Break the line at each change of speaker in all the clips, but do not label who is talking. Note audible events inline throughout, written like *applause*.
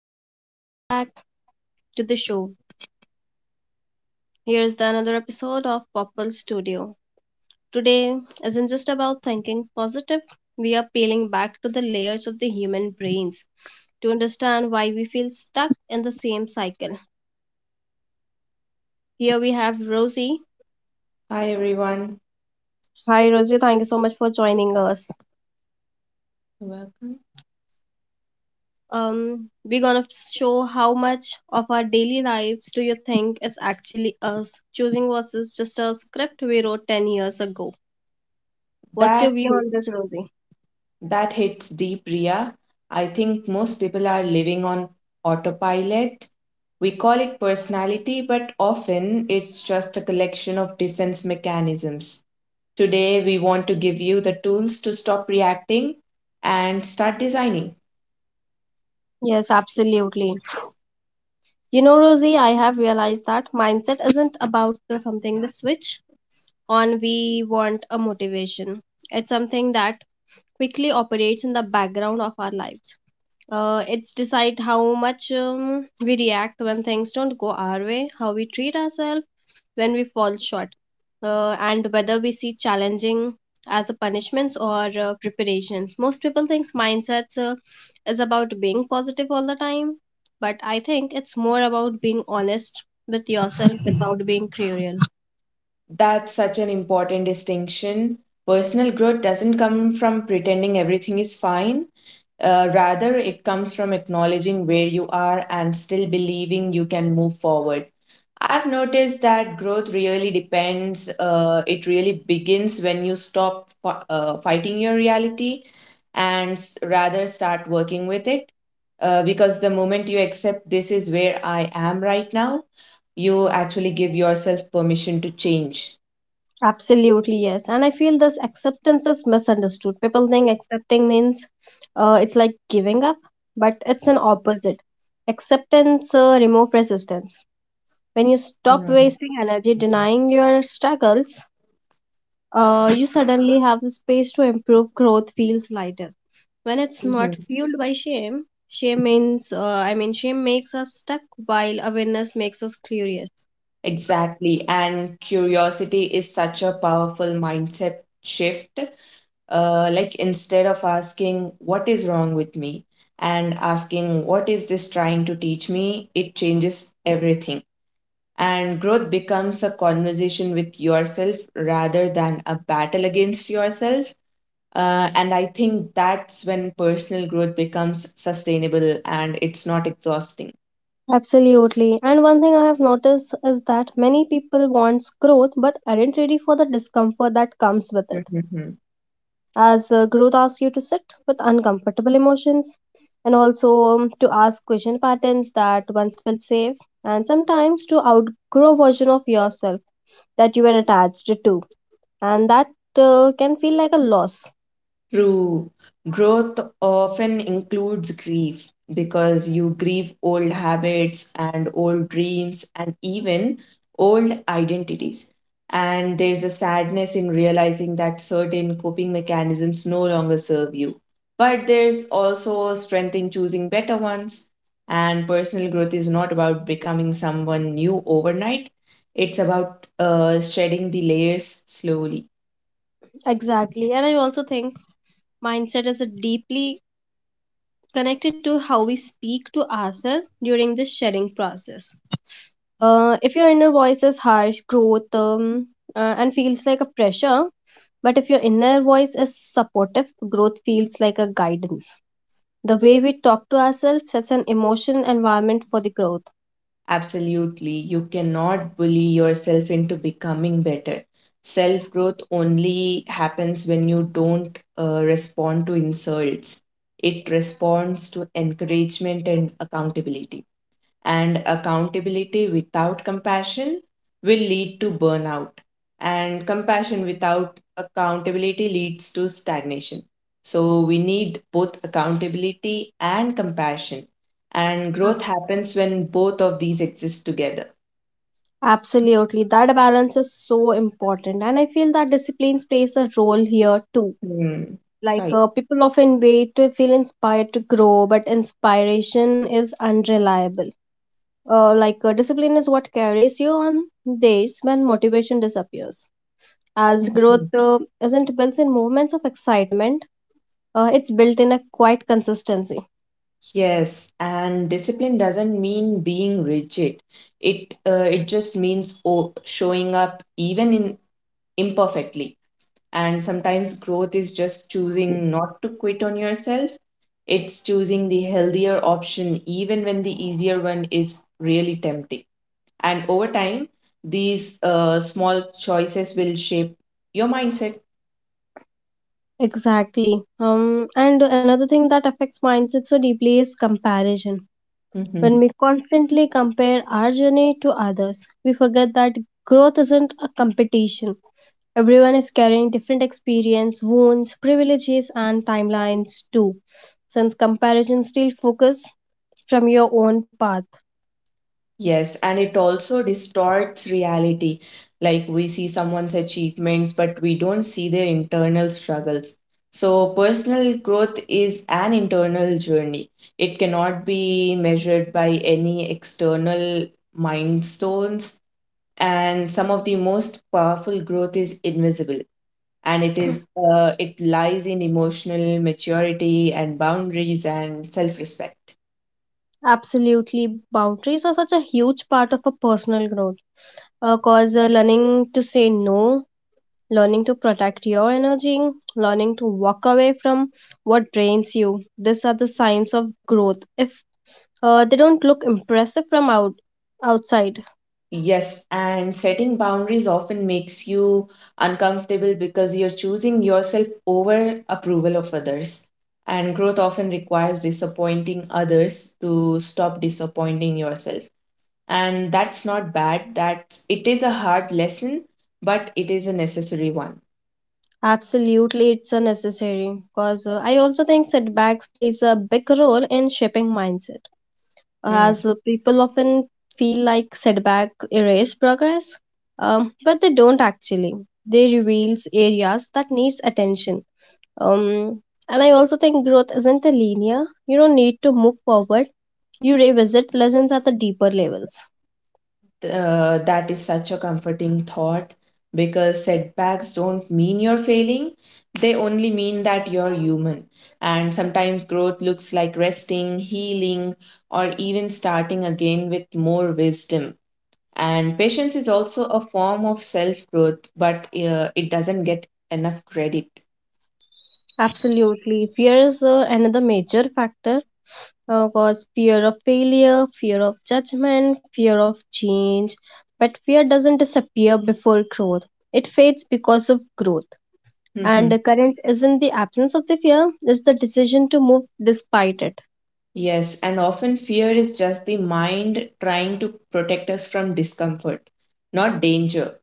and welcome back to the show. Here's the another episode of Popple Studio. Today isn't just about thinking positive, we are peeling back to the layers of the human brains to understand why we feel stuck in the same cycle. Here we have Rosie.
Hi everyone.
Hi Rosie, thank you so much for joining us.
Welcome.
We're gonna show how much of our daily lives do you think is actually us choosing versus just a script we wrote 10 years ago. What's your
That
view
hit-
on this, Rosie?
that hits deep, Ria. I think most people are living on autopilot. We call it personality, but often it's just a collection of defense mechanisms. Today, we want to give you the tools to stop reacting and start designing.
Yes, absolutely. You know, Rosie, I have realized that mindset isn't about the something the switch on we want a motivation. It's something that quickly operates in the background of our lives. It's decide how much we react when things don't go our way, how we treat ourselves when we fall short, and whether we see challenging as a punishments or preparations. Most people thinks mindsets is about being positive all the time, but I think it's more about being honest with yourself without being cruel.
That's such an important distinction. Personal growth doesn't come from pretending everything is fine. Rather, it comes from acknowledging where you are and still believing you can move forward. I've noticed that it really begins when you stop fighting your reality and rather start working with it. Because the moment you accept this is where I am right now, you actually give yourself permission to change.
Absolutely, yes. And I feel this acceptance is misunderstood. People think accepting means it's like giving up, but it's an opposite. Acceptance remove resistance. When you stop
Yeah.
wasting energy denying your struggles, you suddenly have the space to improve. Growth feels lighter. When it's not fueled by shame, I mean, shame makes us stuck while awareness makes us curious.
Exactly. And curiosity is such a powerful mindset shift. Like instead of asking, what is wrong with me? And asking, what is this trying to teach me? It changes everything. And growth becomes a conversation with yourself rather than a battle against yourself. And I think that's when personal growth becomes sustainable and it's not exhausting.
Absolutely. And one thing I have noticed is that many people wants growth but aren't ready for the discomfort that comes with it.
*laughs*
As growth asks you to sit with uncomfortable emotions and also to ask question patterns that once felt safe and sometimes to outgrow version of yourself that you were attached to and that can feel like a loss.
True. Growth often includes grief because you grieve old habits and old dreams and even old identities. And there's a sadness in realizing that certain coping mechanisms no longer serve you. But there's also strength in choosing better ones. And personal growth is not about becoming someone new overnight, it's about shedding the layers slowly.
Exactly. And I also think mindset is a deeply connected to how we speak to ourselves during the shedding process. If your inner voice is harsh, growth, and feels like a pressure, but if your inner voice is supportive, growth feels like a guidance. The way we talk to ourselves sets an emotional environment for the growth.
Absolutely. You cannot bully yourself into becoming better. Self growth only happens when you don't respond to insults, it responds to encouragement and accountability, and accountability without compassion will lead to burnout, and compassion without accountability leads to stagnation. So we need both accountability and compassion, and growth happens when both of these exist together.
Absolutely. That balance is so important. And I feel that disciplines plays a role here too.
Hmm.
Like,
Right.
people often wait to feel inspired to grow, but inspiration is unreliable. Like, discipline is what carries you on days when motivation disappears as
Mhm.
growth isn't built in moments of excitement. It's built in a quiet consistency.
Yes, and discipline doesn't mean being rigid. It just means showing up even in imperfectly. And sometimes growth is just choosing not to quit on yourself. It's choosing the healthier option, even when the easier one is really tempting. And over time, these small choices will shape your mindset.
Exactly. And another thing that affects mindset so deeply is comparison. When we
*laughs*
constantly compare our journey to others, we forget that growth isn't a competition. Everyone is carrying different experience, wounds, privileges, and timelines too, since comparison still focus from your own path.
Yes, and it also distorts reality. Like we see someone's achievements, but we don't see their internal struggles. So, personal growth is an internal journey. It cannot be measured by any external milestones. And some of the most powerful growth is invisible, and it is it lies in emotional maturity and boundaries and self-respect.
Absolutely, boundaries are such a huge part of a personal growth. Cause learning to say no, learning to protect your energy, learning to walk away from what drains you. These are the signs of growth. If they don't look impressive from outside,
Yes, and setting boundaries often makes you uncomfortable because you're choosing yourself over approval of others. And growth often requires disappointing others to stop disappointing yourself. And that's not bad, that it is a hard lesson, but it is a necessary one.
absolutely, it's a necessary because I also think setbacks plays a big role in shaping mindset.
Hmm.
As people often feel like setback erase progress, but they don't actually. They reveals areas that needs attention. Um, and I also think growth isn't a linear. You don't need to move forward. You revisit lessons at the deeper levels.
That is such a comforting thought because setbacks don't mean you're failing, they only mean that you're human. And sometimes growth looks like resting, healing, or even starting again with more wisdom. And patience is also a form of self growth, but it doesn't get enough credit.
Absolutely. Fear is another major factor, cause fear of failure, fear of judgment, fear of change. But fear doesn't disappear before growth. It fades because of growth. And the
*laughs*
current isn't the absence of the fear, it's the decision to move despite it.
Yes, and often fear is just the mind trying to protect us from discomfort, not danger.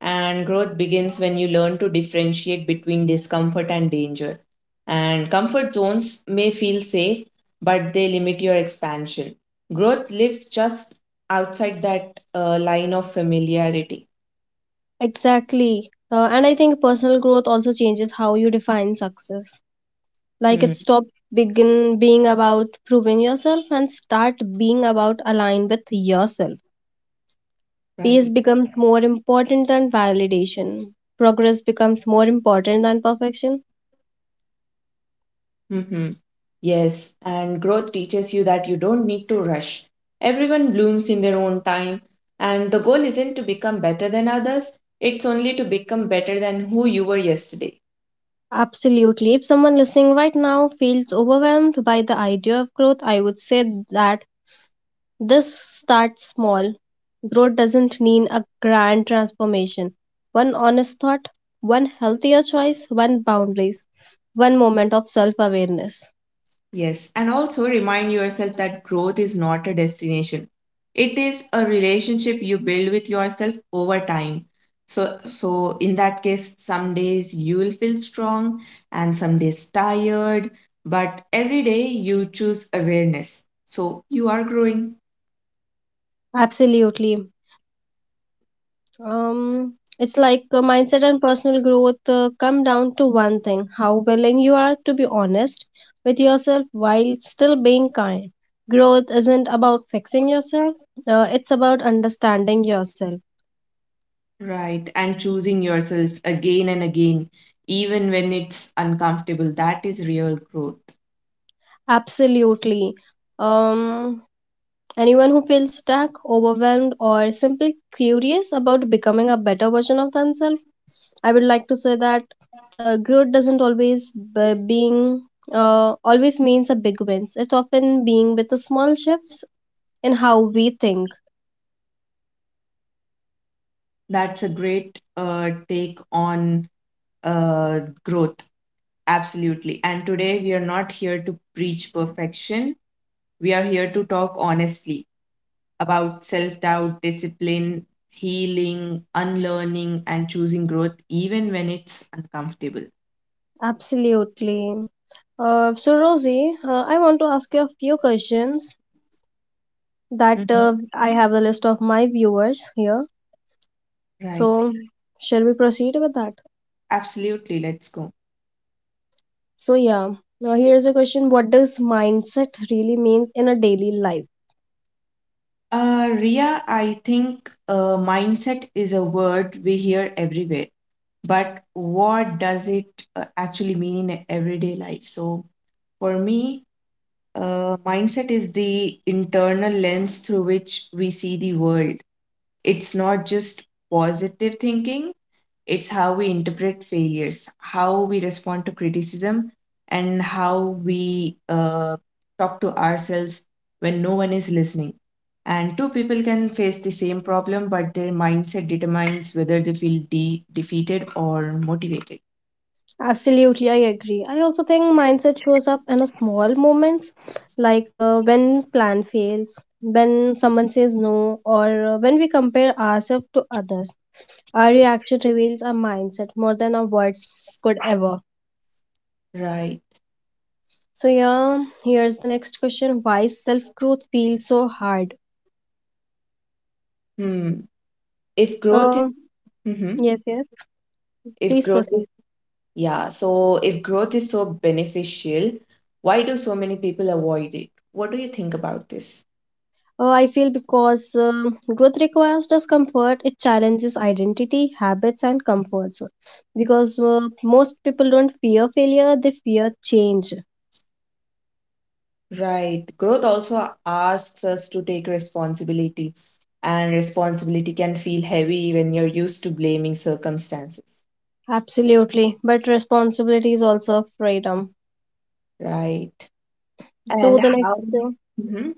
And growth begins when you learn to differentiate between discomfort and danger. And comfort zones may feel safe, but they limit your expansion. Growth lives just outside that line of familiarity.
Exactly. And I think personal growth also changes how you define success. Like
Hmm,
it stops begin being about proving yourself and start being about align with yourself. Peace
right.
becomes more important than validation. Progress becomes more important than perfection.
Mm-hmm. Yes, and growth teaches you that you don't need to rush. Everyone blooms in their own time, and the goal isn't to become better than others, it's only to become better than who you were yesterday.
Absolutely. If someone listening right now feels overwhelmed by the idea of growth, I would say that this starts small. Growth doesn't mean a grand transformation. One honest thought, one healthier choice, one boundaries, one moment of self awareness.
Yes, and also remind yourself that growth is not a destination. It is a relationship you build with yourself over time. So in that case, some days you will feel strong and some days tired, but every day you choose awareness. So you are growing,
Absolutely. It's like mindset and personal growth come down to one thing how willing you are to be honest with yourself while still being kind. Growth isn't about fixing yourself, it's about understanding yourself.
right? And choosing yourself again and again even when it's uncomfortable, that is real growth.
Absolutely. Um, Anyone who feels stuck, overwhelmed, or simply curious about becoming a better version of themselves, I would like to say that growth doesn't always be being always means a big wins. It's often being with the small shifts in how we think.
That's a great take on growth. Absolutely. And today we are not here to preach perfection. We are here to talk honestly about self doubt, discipline, healing, unlearning, and choosing growth, even when it's uncomfortable.
Absolutely. So Rosie, I want to ask you a few questions that
Mhm.
I have a list of my viewers here.
Right.
So shall we proceed with that?
Absolutely. Let's go.
So yeah. Now here is a question: what does mindset really mean in a daily life?
Ria, I think mindset is a word we hear everywhere, but what does it actually mean in everyday life? So, for me, mindset is the internal lens through which we see the world. It's not just positive thinking, it's how we interpret failures, how we respond to criticism, and how we talk to ourselves when no one is listening. And two people can face the same problem, but their mindset determines whether they feel defeated or motivated.
Absolutely, I agree. I also think mindset shows up in a small moments, like, when plan fails, when someone says no, or when we compare ourselves to others. Our reaction reveals our mindset more than our words could ever.
Right.
So yeah, here's the next question: why self growth feels so hard?
Hmm. If growth is
Um,
Mhm.
yes, yes.
if
Please
growth is
proceed.
Yeah, so if growth is so beneficial, why do so many people avoid it? What do you think about this?
I feel because growth requires discomfort, it challenges identity, habits, and comfort zone. Because most people don't fear failure, they fear change.
Right. Growth also asks us to take responsibility, and responsibility can feel heavy when you're used to blaming circumstances.
Absolutely, but responsibility is also freedom.
Right.
So
And
the next,
how
uh,
Mhm.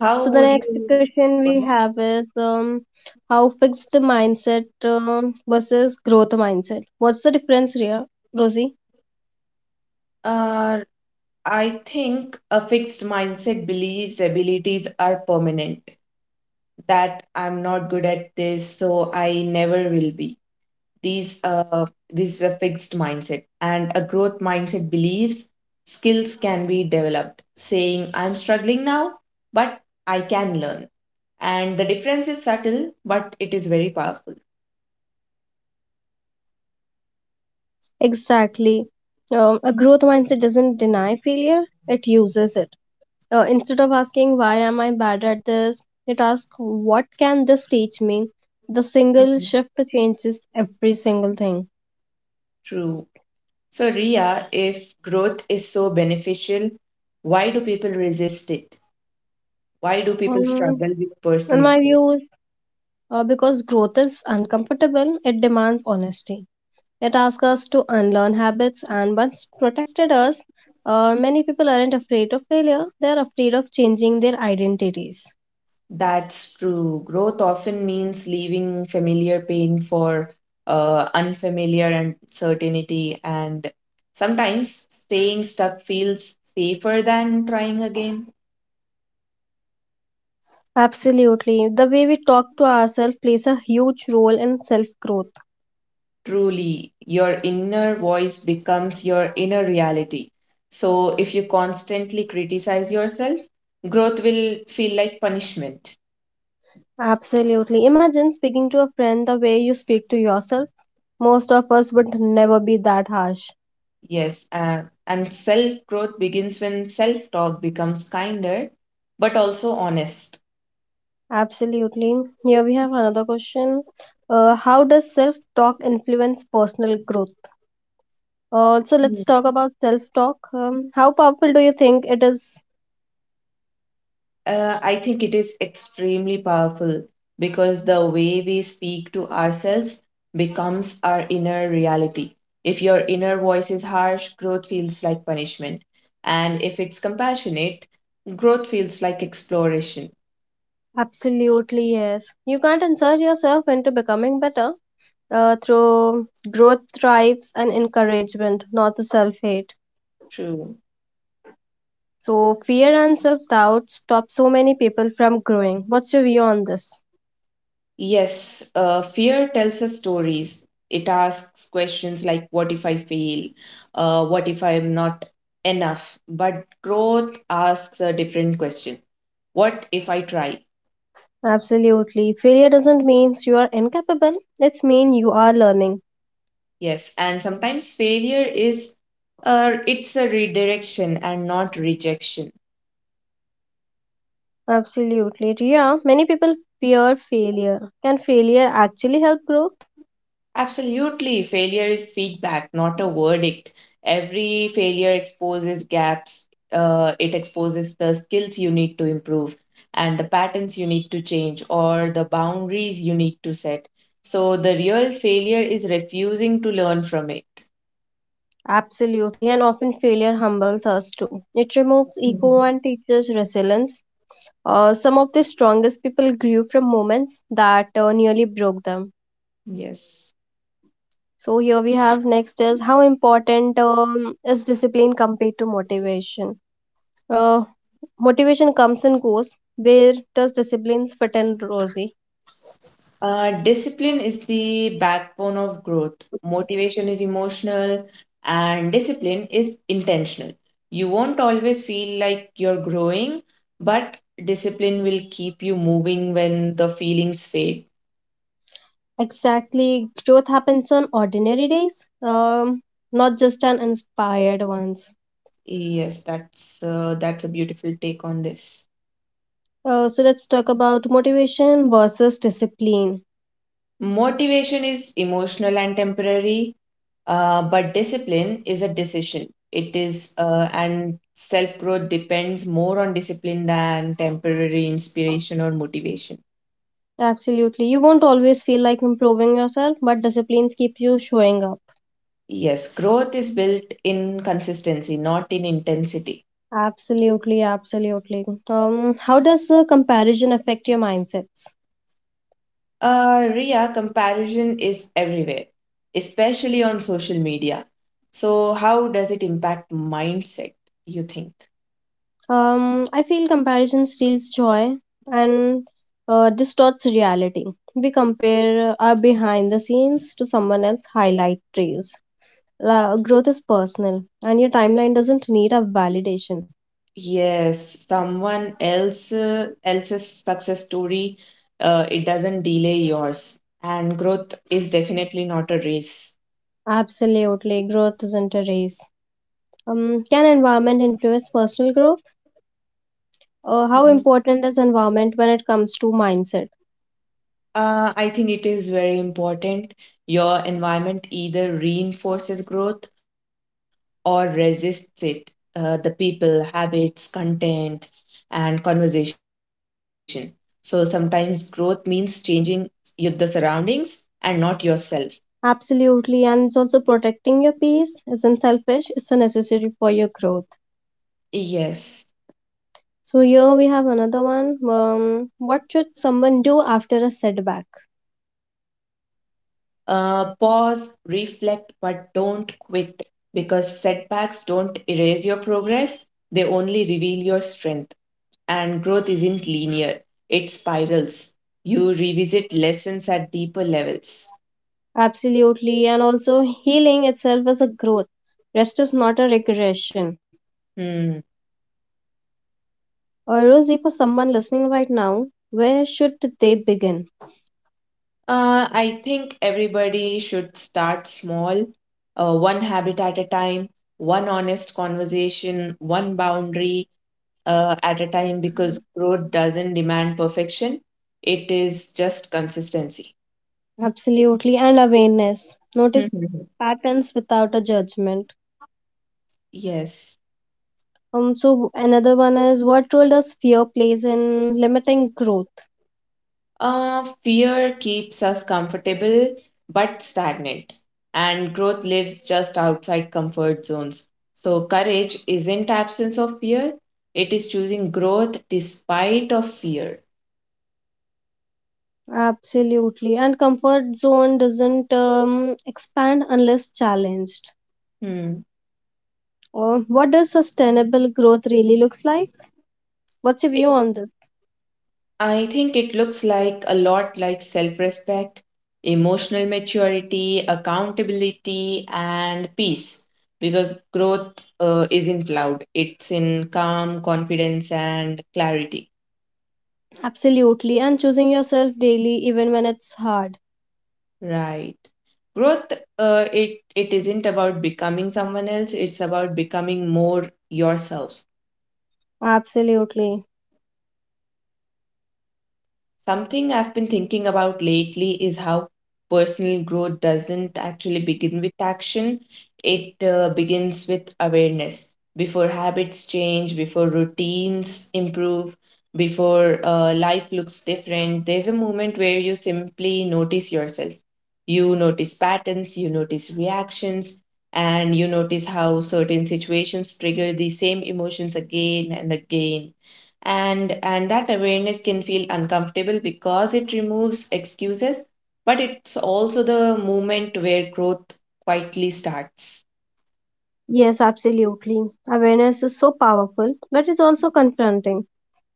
how
so the
would
next
you
question we have is how fixed mindset versus growth mindset. What's the difference here, Rosie?
uh I think a fixed mindset believes abilities are permanent, that I'm not good at this, so I never will be. These this is a fixed mindset, and a growth mindset believes skills can be developed. Saying I'm struggling now, but I can learn, and the difference is subtle, but it is very powerful.
Exactly. A growth mindset doesn't deny failure; it uses it. Instead of asking why am I bad at this, it asks what can this teach me. The single
Mhm.
shift changes every single thing.
True. So, Ria, if growth is so beneficial, why do people resist it? Why do people
Um,
struggle with
in
personal
my
growth?
view, because growth is uncomfortable, it demands honesty. It asks us to unlearn habits, and once protected us. Many people aren't afraid of failure; they are afraid of changing their identities.
That's true. Growth often means leaving familiar pain for unfamiliar uncertainty, and sometimes staying stuck feels safer than trying again.
Absolutely, the way we talk to ourselves plays a huge role in self growth.
Truly, your inner voice becomes your inner reality. So, if you constantly criticize yourself, growth will feel like punishment.
Absolutely. Imagine speaking to a friend the way you speak to yourself. Most of us would never be that harsh.
Yes, and self growth begins when self talk becomes kinder but also honest.
Absolutely. Here we have another question. How does self talk influence personal growth? So let's talk about self talk. How powerful do you think it is?
I think it is extremely powerful because the way we speak to ourselves becomes our inner reality. If your inner voice is harsh, growth feels like punishment. And if it's compassionate, growth feels like exploration.
Absolutely, yes. You can't insert yourself into becoming better through growth, thrives, and encouragement, not the self hate.
True.
So fear and self-doubt stop so many people from growing. What's your view on this?
Yes, fear tells us stories. It asks questions like, what if I fail? What if I am not enough? But growth asks a different question. What if I try?
Absolutely. Failure doesn't mean you are incapable. It's mean you are learning.
Yes, and sometimes failure it's a redirection and not rejection.
Absolutely. Yeah, many people fear failure. Can failure actually help growth?
Absolutely. Failure is feedback, not a verdict. Every failure exposes gaps, it exposes the skills you need to improve and the patterns you need to change or the boundaries you need to set. So, the real failure is refusing to learn from it.
Absolutely. And often failure humbles us too. It removes ego
Mhm.
and teaches resilience. Some of the strongest people grew from moments that nearly broke them.
Yes.
So here we have next is how important is discipline compared to motivation. Uh, Motivation comes and goes. Where does discipline fit in, Rosie?
Discipline is the backbone of growth. Motivation is emotional, and discipline is intentional. You won't always feel like you're growing, but discipline will keep you moving when the feelings fade.
Exactly, growth happens on ordinary days, not just on inspired ones.
Yes, that's a beautiful take on this.
So let's talk about motivation versus discipline.
Motivation is emotional and temporary. But discipline is a decision. It is, and Self growth depends more on discipline than temporary inspiration or motivation.
Absolutely, you won't always feel like improving yourself, but disciplines keep you showing up.
Yes, growth is built in consistency, not in intensity.
Absolutely, absolutely. How does comparison affect your mindsets?
Ria, comparison is everywhere, especially on social media. So, how does it impact mindset, you think?
I feel comparison steals joy and distorts reality. We compare our behind the scenes to someone else's highlight reels. Growth is personal, and your timeline doesn't need a validation.
Yes, someone else's success story, it doesn't delay yours. And growth is definitely not a race.
Absolutely, growth isn't a race. Can environment influence personal growth? How
Mhm.
important is environment when it comes to mindset?
I think it is very important. Your environment either reinforces growth or resists it. The people, habits, content, and conversation. So sometimes growth means changing the surroundings and not yourself.
Absolutely, and it's also protecting your peace isn't selfish, it's a necessary for your growth.
Yes.
So here we have another one. What should someone do after a setback?
Pause, reflect, but don't quit because setbacks don't erase your progress, they only reveal your strength. And growth isn't linear, it spirals. You revisit lessons at deeper levels.
Absolutely, and also healing itself is a growth. Rest is not a regression.
Hmm.
Or Rosie, for someone listening right now, where should they begin?
I think everybody should start small, one habit at a time, one honest conversation, one boundary, at a time because growth doesn't demand perfection. It is just consistency.
Absolutely, and awareness. Notice
Mhm.
patterns without a judgment.
Yes.
So another one is what role does fear plays in limiting growth?
Fear keeps us comfortable but stagnant, and growth lives just outside comfort zones. So courage isn't absence of fear; it is choosing growth despite of fear.
Absolutely. And comfort zone doesn't expand unless challenged.
Hmm.
Or what does sustainable growth really looks like? What's your view on that?
I think it looks like a lot like self respect, emotional maturity, accountability, and peace. Because growth isn't loud, it's in calm, confidence, and clarity.
Absolutely. And choosing yourself daily even when it's hard.
Right. Growth, it, it isn't about becoming someone else, it's about becoming more yourself.
Absolutely.
Something I've been thinking about lately is how personal growth doesn't actually begin with action. It begins with awareness. Before habits change, before routines improve, before life looks different, there's a moment where you simply notice yourself. You notice patterns, you notice reactions, and you notice how certain situations trigger the same emotions again and again, and that awareness can feel uncomfortable because it removes excuses, but it's also the moment where growth quietly starts.
Yes, absolutely. Awareness is so powerful, but it's also confronting.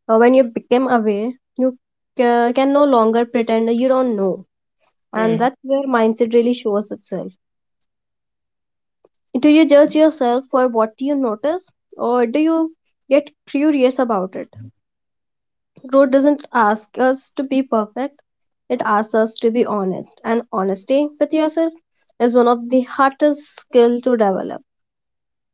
When you become aware, you can no longer pretend you don't know. And
Hmm.
that's where mindset really shows itself. Do you judge yourself for what you notice, or do you get curious about it? Growth doesn't ask us to be perfect, it asks us to be honest, and honesty with yourself is one of the hardest skills to develop.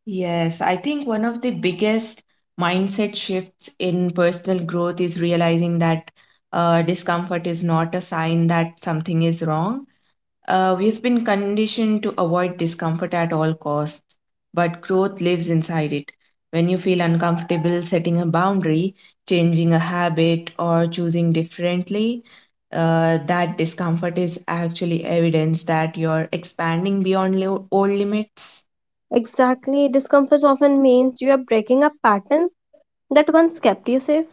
Yes, I think one of the biggest mindset shifts in personal growth is realizing that discomfort is not a sign that something is wrong. We've been conditioned to avoid discomfort at all costs, but growth lives inside it. When you feel uncomfortable setting a boundary, changing a habit, or choosing differently, that discomfort is actually evidence that you're expanding beyond old limits.
Exactly, discomfort often means you are breaking a pattern that once kept you safe.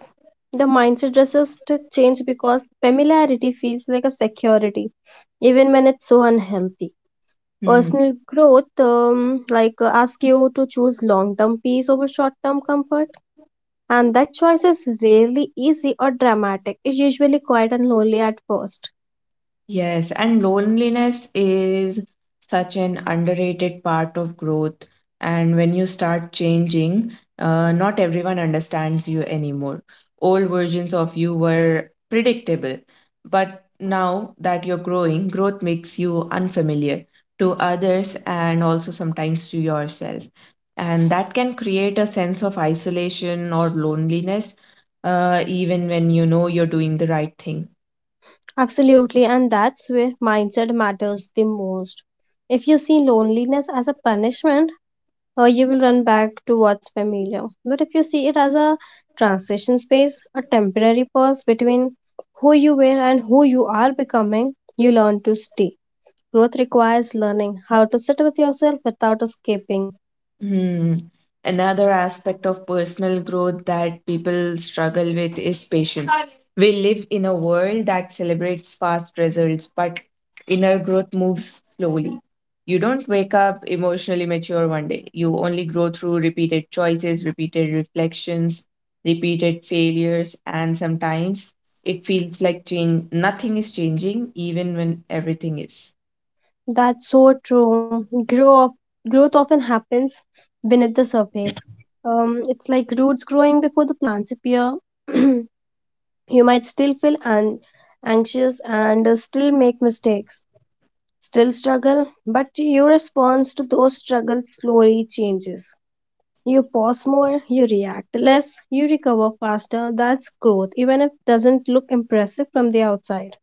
The mindset resists to change because familiarity feels like a security, even when it's so unhealthy.
Hmm.
Personal growth, like, ask you to choose long-term peace over short-term comfort, and that choice is rarely easy or dramatic. It's usually quiet and lonely at first.
Yes, and loneliness is such an underrated part of growth. And when you start changing, not everyone understands you anymore. Old versions of you were predictable, but now that you're growing, growth makes you unfamiliar to others and also sometimes to yourself. And that can create a sense of isolation or loneliness, even when you know you're doing the right thing.
Absolutely, and that's where mindset matters the most. If you see loneliness as a punishment, you will run back to what's familiar. But if you see it as a transition space, a temporary pause between who you were and who you are becoming, you learn to stay. Growth requires learning how to sit with yourself without escaping.
Hmm. Another aspect of personal growth that people struggle with is patience. We live in a world that celebrates fast results, but inner growth moves slowly. You don't wake up emotionally mature one day. You only grow through repeated choices, repeated reflections, repeated failures, and sometimes it feels like change nothing is changing even when everything is.
That's so true. Growth often happens beneath the surface. It's like roots growing before the plants appear. *clears throat* You might still feel anxious and still make mistakes, still struggle, but your response to those struggles slowly changes. You pause more, you react less, you recover faster. That's growth, even if it doesn't look impressive from the outside.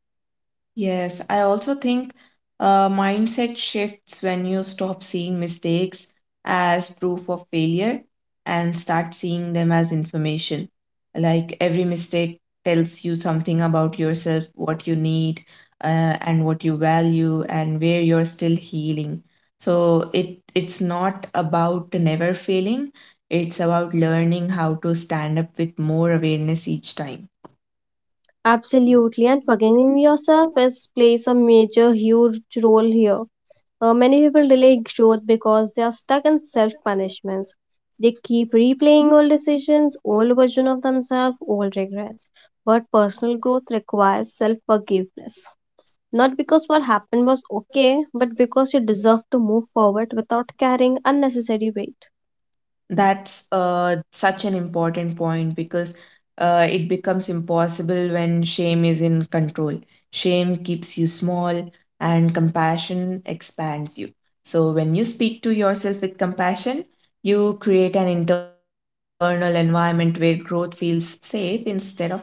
Yes, I also think mindset shifts when you stop seeing mistakes as proof of failure and start seeing them as information. Like every mistake tells you something about yourself, what you need, and what you value, and where you're still healing. So it's not about never failing. It's about learning how to stand up with more awareness each time.
Absolutely, and forgiving yourself is plays a major, huge role here. Many people delay growth because they are stuck in self punishments. They keep replaying old decisions, old version of themselves, old regrets. But personal growth requires self forgiveness. Not because what happened was okay, but because you deserve to move forward without carrying unnecessary weight.
That's such an important point because it becomes impossible when shame is in control. Shame keeps you small and compassion expands you. So, when you speak to yourself with compassion, you create an internal environment where growth feels safe instead of threatening.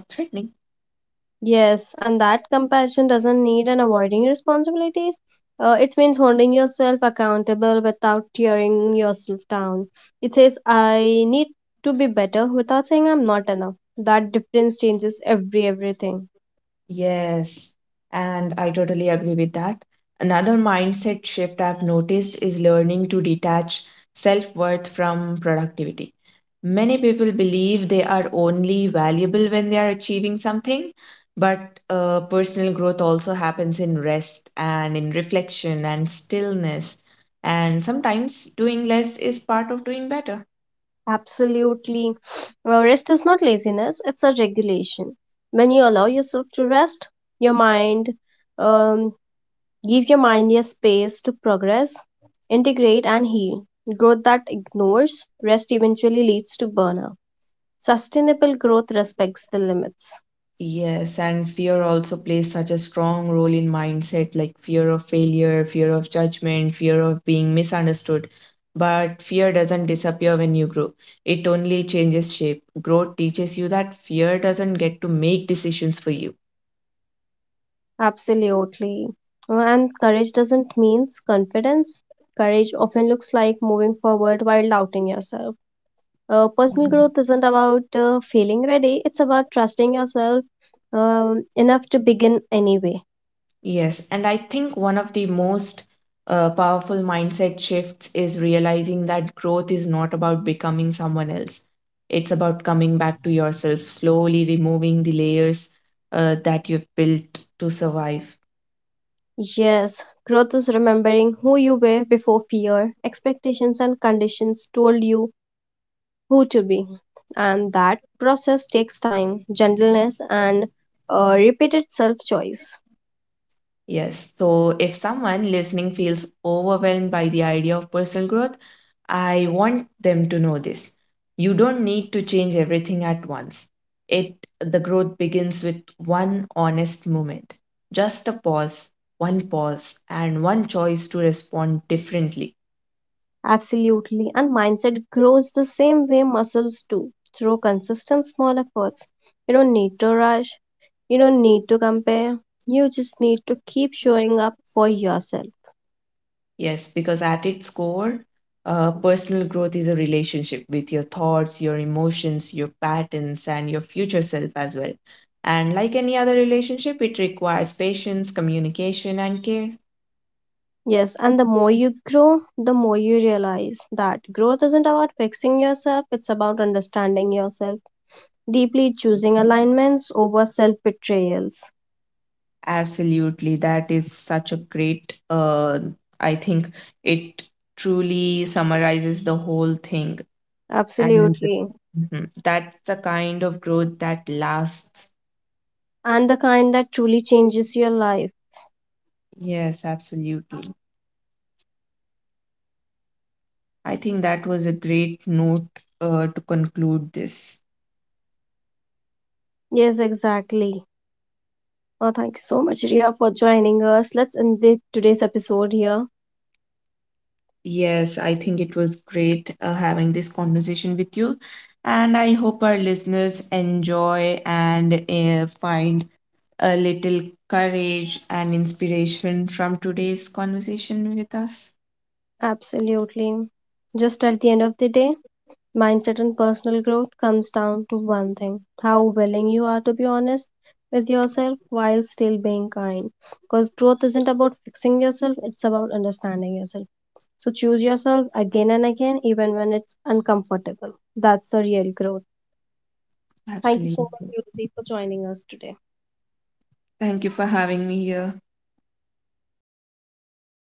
Yes, and that compassion doesn't need an avoiding responsibilities. It means holding yourself accountable without tearing yourself down. It says, I need to be better without saying I'm not enough. That difference changes everything.
Yes, and I totally agree with that. Another mindset shift I've noticed is learning to detach self worth from productivity. Many people believe they are only valuable when they are achieving something, but personal growth also happens in rest and in reflection and stillness. And sometimes doing less is part of doing better.
Absolutely. *sniffs* Well, rest is not laziness, it's a regulation. When you allow yourself to rest, your mind, um, give your mind a space to progress, integrate, and heal. Growth that ignores rest eventually leads to burnout. Sustainable growth respects the limits.
Yes, and fear also plays such a strong role in mindset, like fear of failure, fear of judgment, fear of being misunderstood. But fear doesn't disappear when you grow. It only changes shape. Growth teaches you that fear doesn't get to make decisions for you.
Absolutely. And courage doesn't mean confidence. Courage often looks like moving forward while doubting yourself. Personal growth isn't about feeling ready, it's about trusting yourself enough to begin anyway.
Yes, and I think one of the most powerful mindset shifts is realizing that growth is not about becoming someone else. It's about coming back to yourself, slowly removing the layers that you've built to survive.
Yes, growth is remembering who you were before fear, expectations, and conditions told you who to be. And that process takes time, gentleness, and repeated self choice.
Yes. So if someone listening feels overwhelmed by the idea of personal growth, I want them to know this. You don't need to change everything at once. It The growth begins with one honest moment. Just a pause, one pause and one choice to respond differently.
Absolutely. And mindset grows the same way muscles do through consistent small efforts. You don't need to rush, you don't need to compare, you just need to keep showing up for yourself.
Yes, because at its core, personal growth is a relationship with your thoughts, your emotions, your patterns, and your future self as well. And like any other relationship, it requires patience, communication, and care.
Yes, and the more you grow, the more you realize that growth isn't about fixing yourself, it's about understanding yourself, deeply choosing alignments over self betrayals.
Absolutely. That is such a great, I think it truly summarizes the whole thing. And
Absolutely.
Mhm. that's the kind of growth that lasts.
And the kind that truly changes your life.
Yes, absolutely. I think that was a great note to conclude this.
Yes, exactly. Oh, thank you so much, Ria, for joining us. Let's end today's episode here.
Yes, I think it was great having this conversation with you. And I hope our listeners enjoy and find a little courage and inspiration from today's conversation with us.
Absolutely. Just at the end of the day, mindset and personal growth comes down to one thing how willing you are to be honest with yourself while still being kind. Because growth isn't about fixing yourself, it's about understanding yourself. So choose yourself again and again, even when it's uncomfortable. That's the real growth. Thank you so
Absolutely.
much, Rosie, for joining us today.
Thank you for having me here.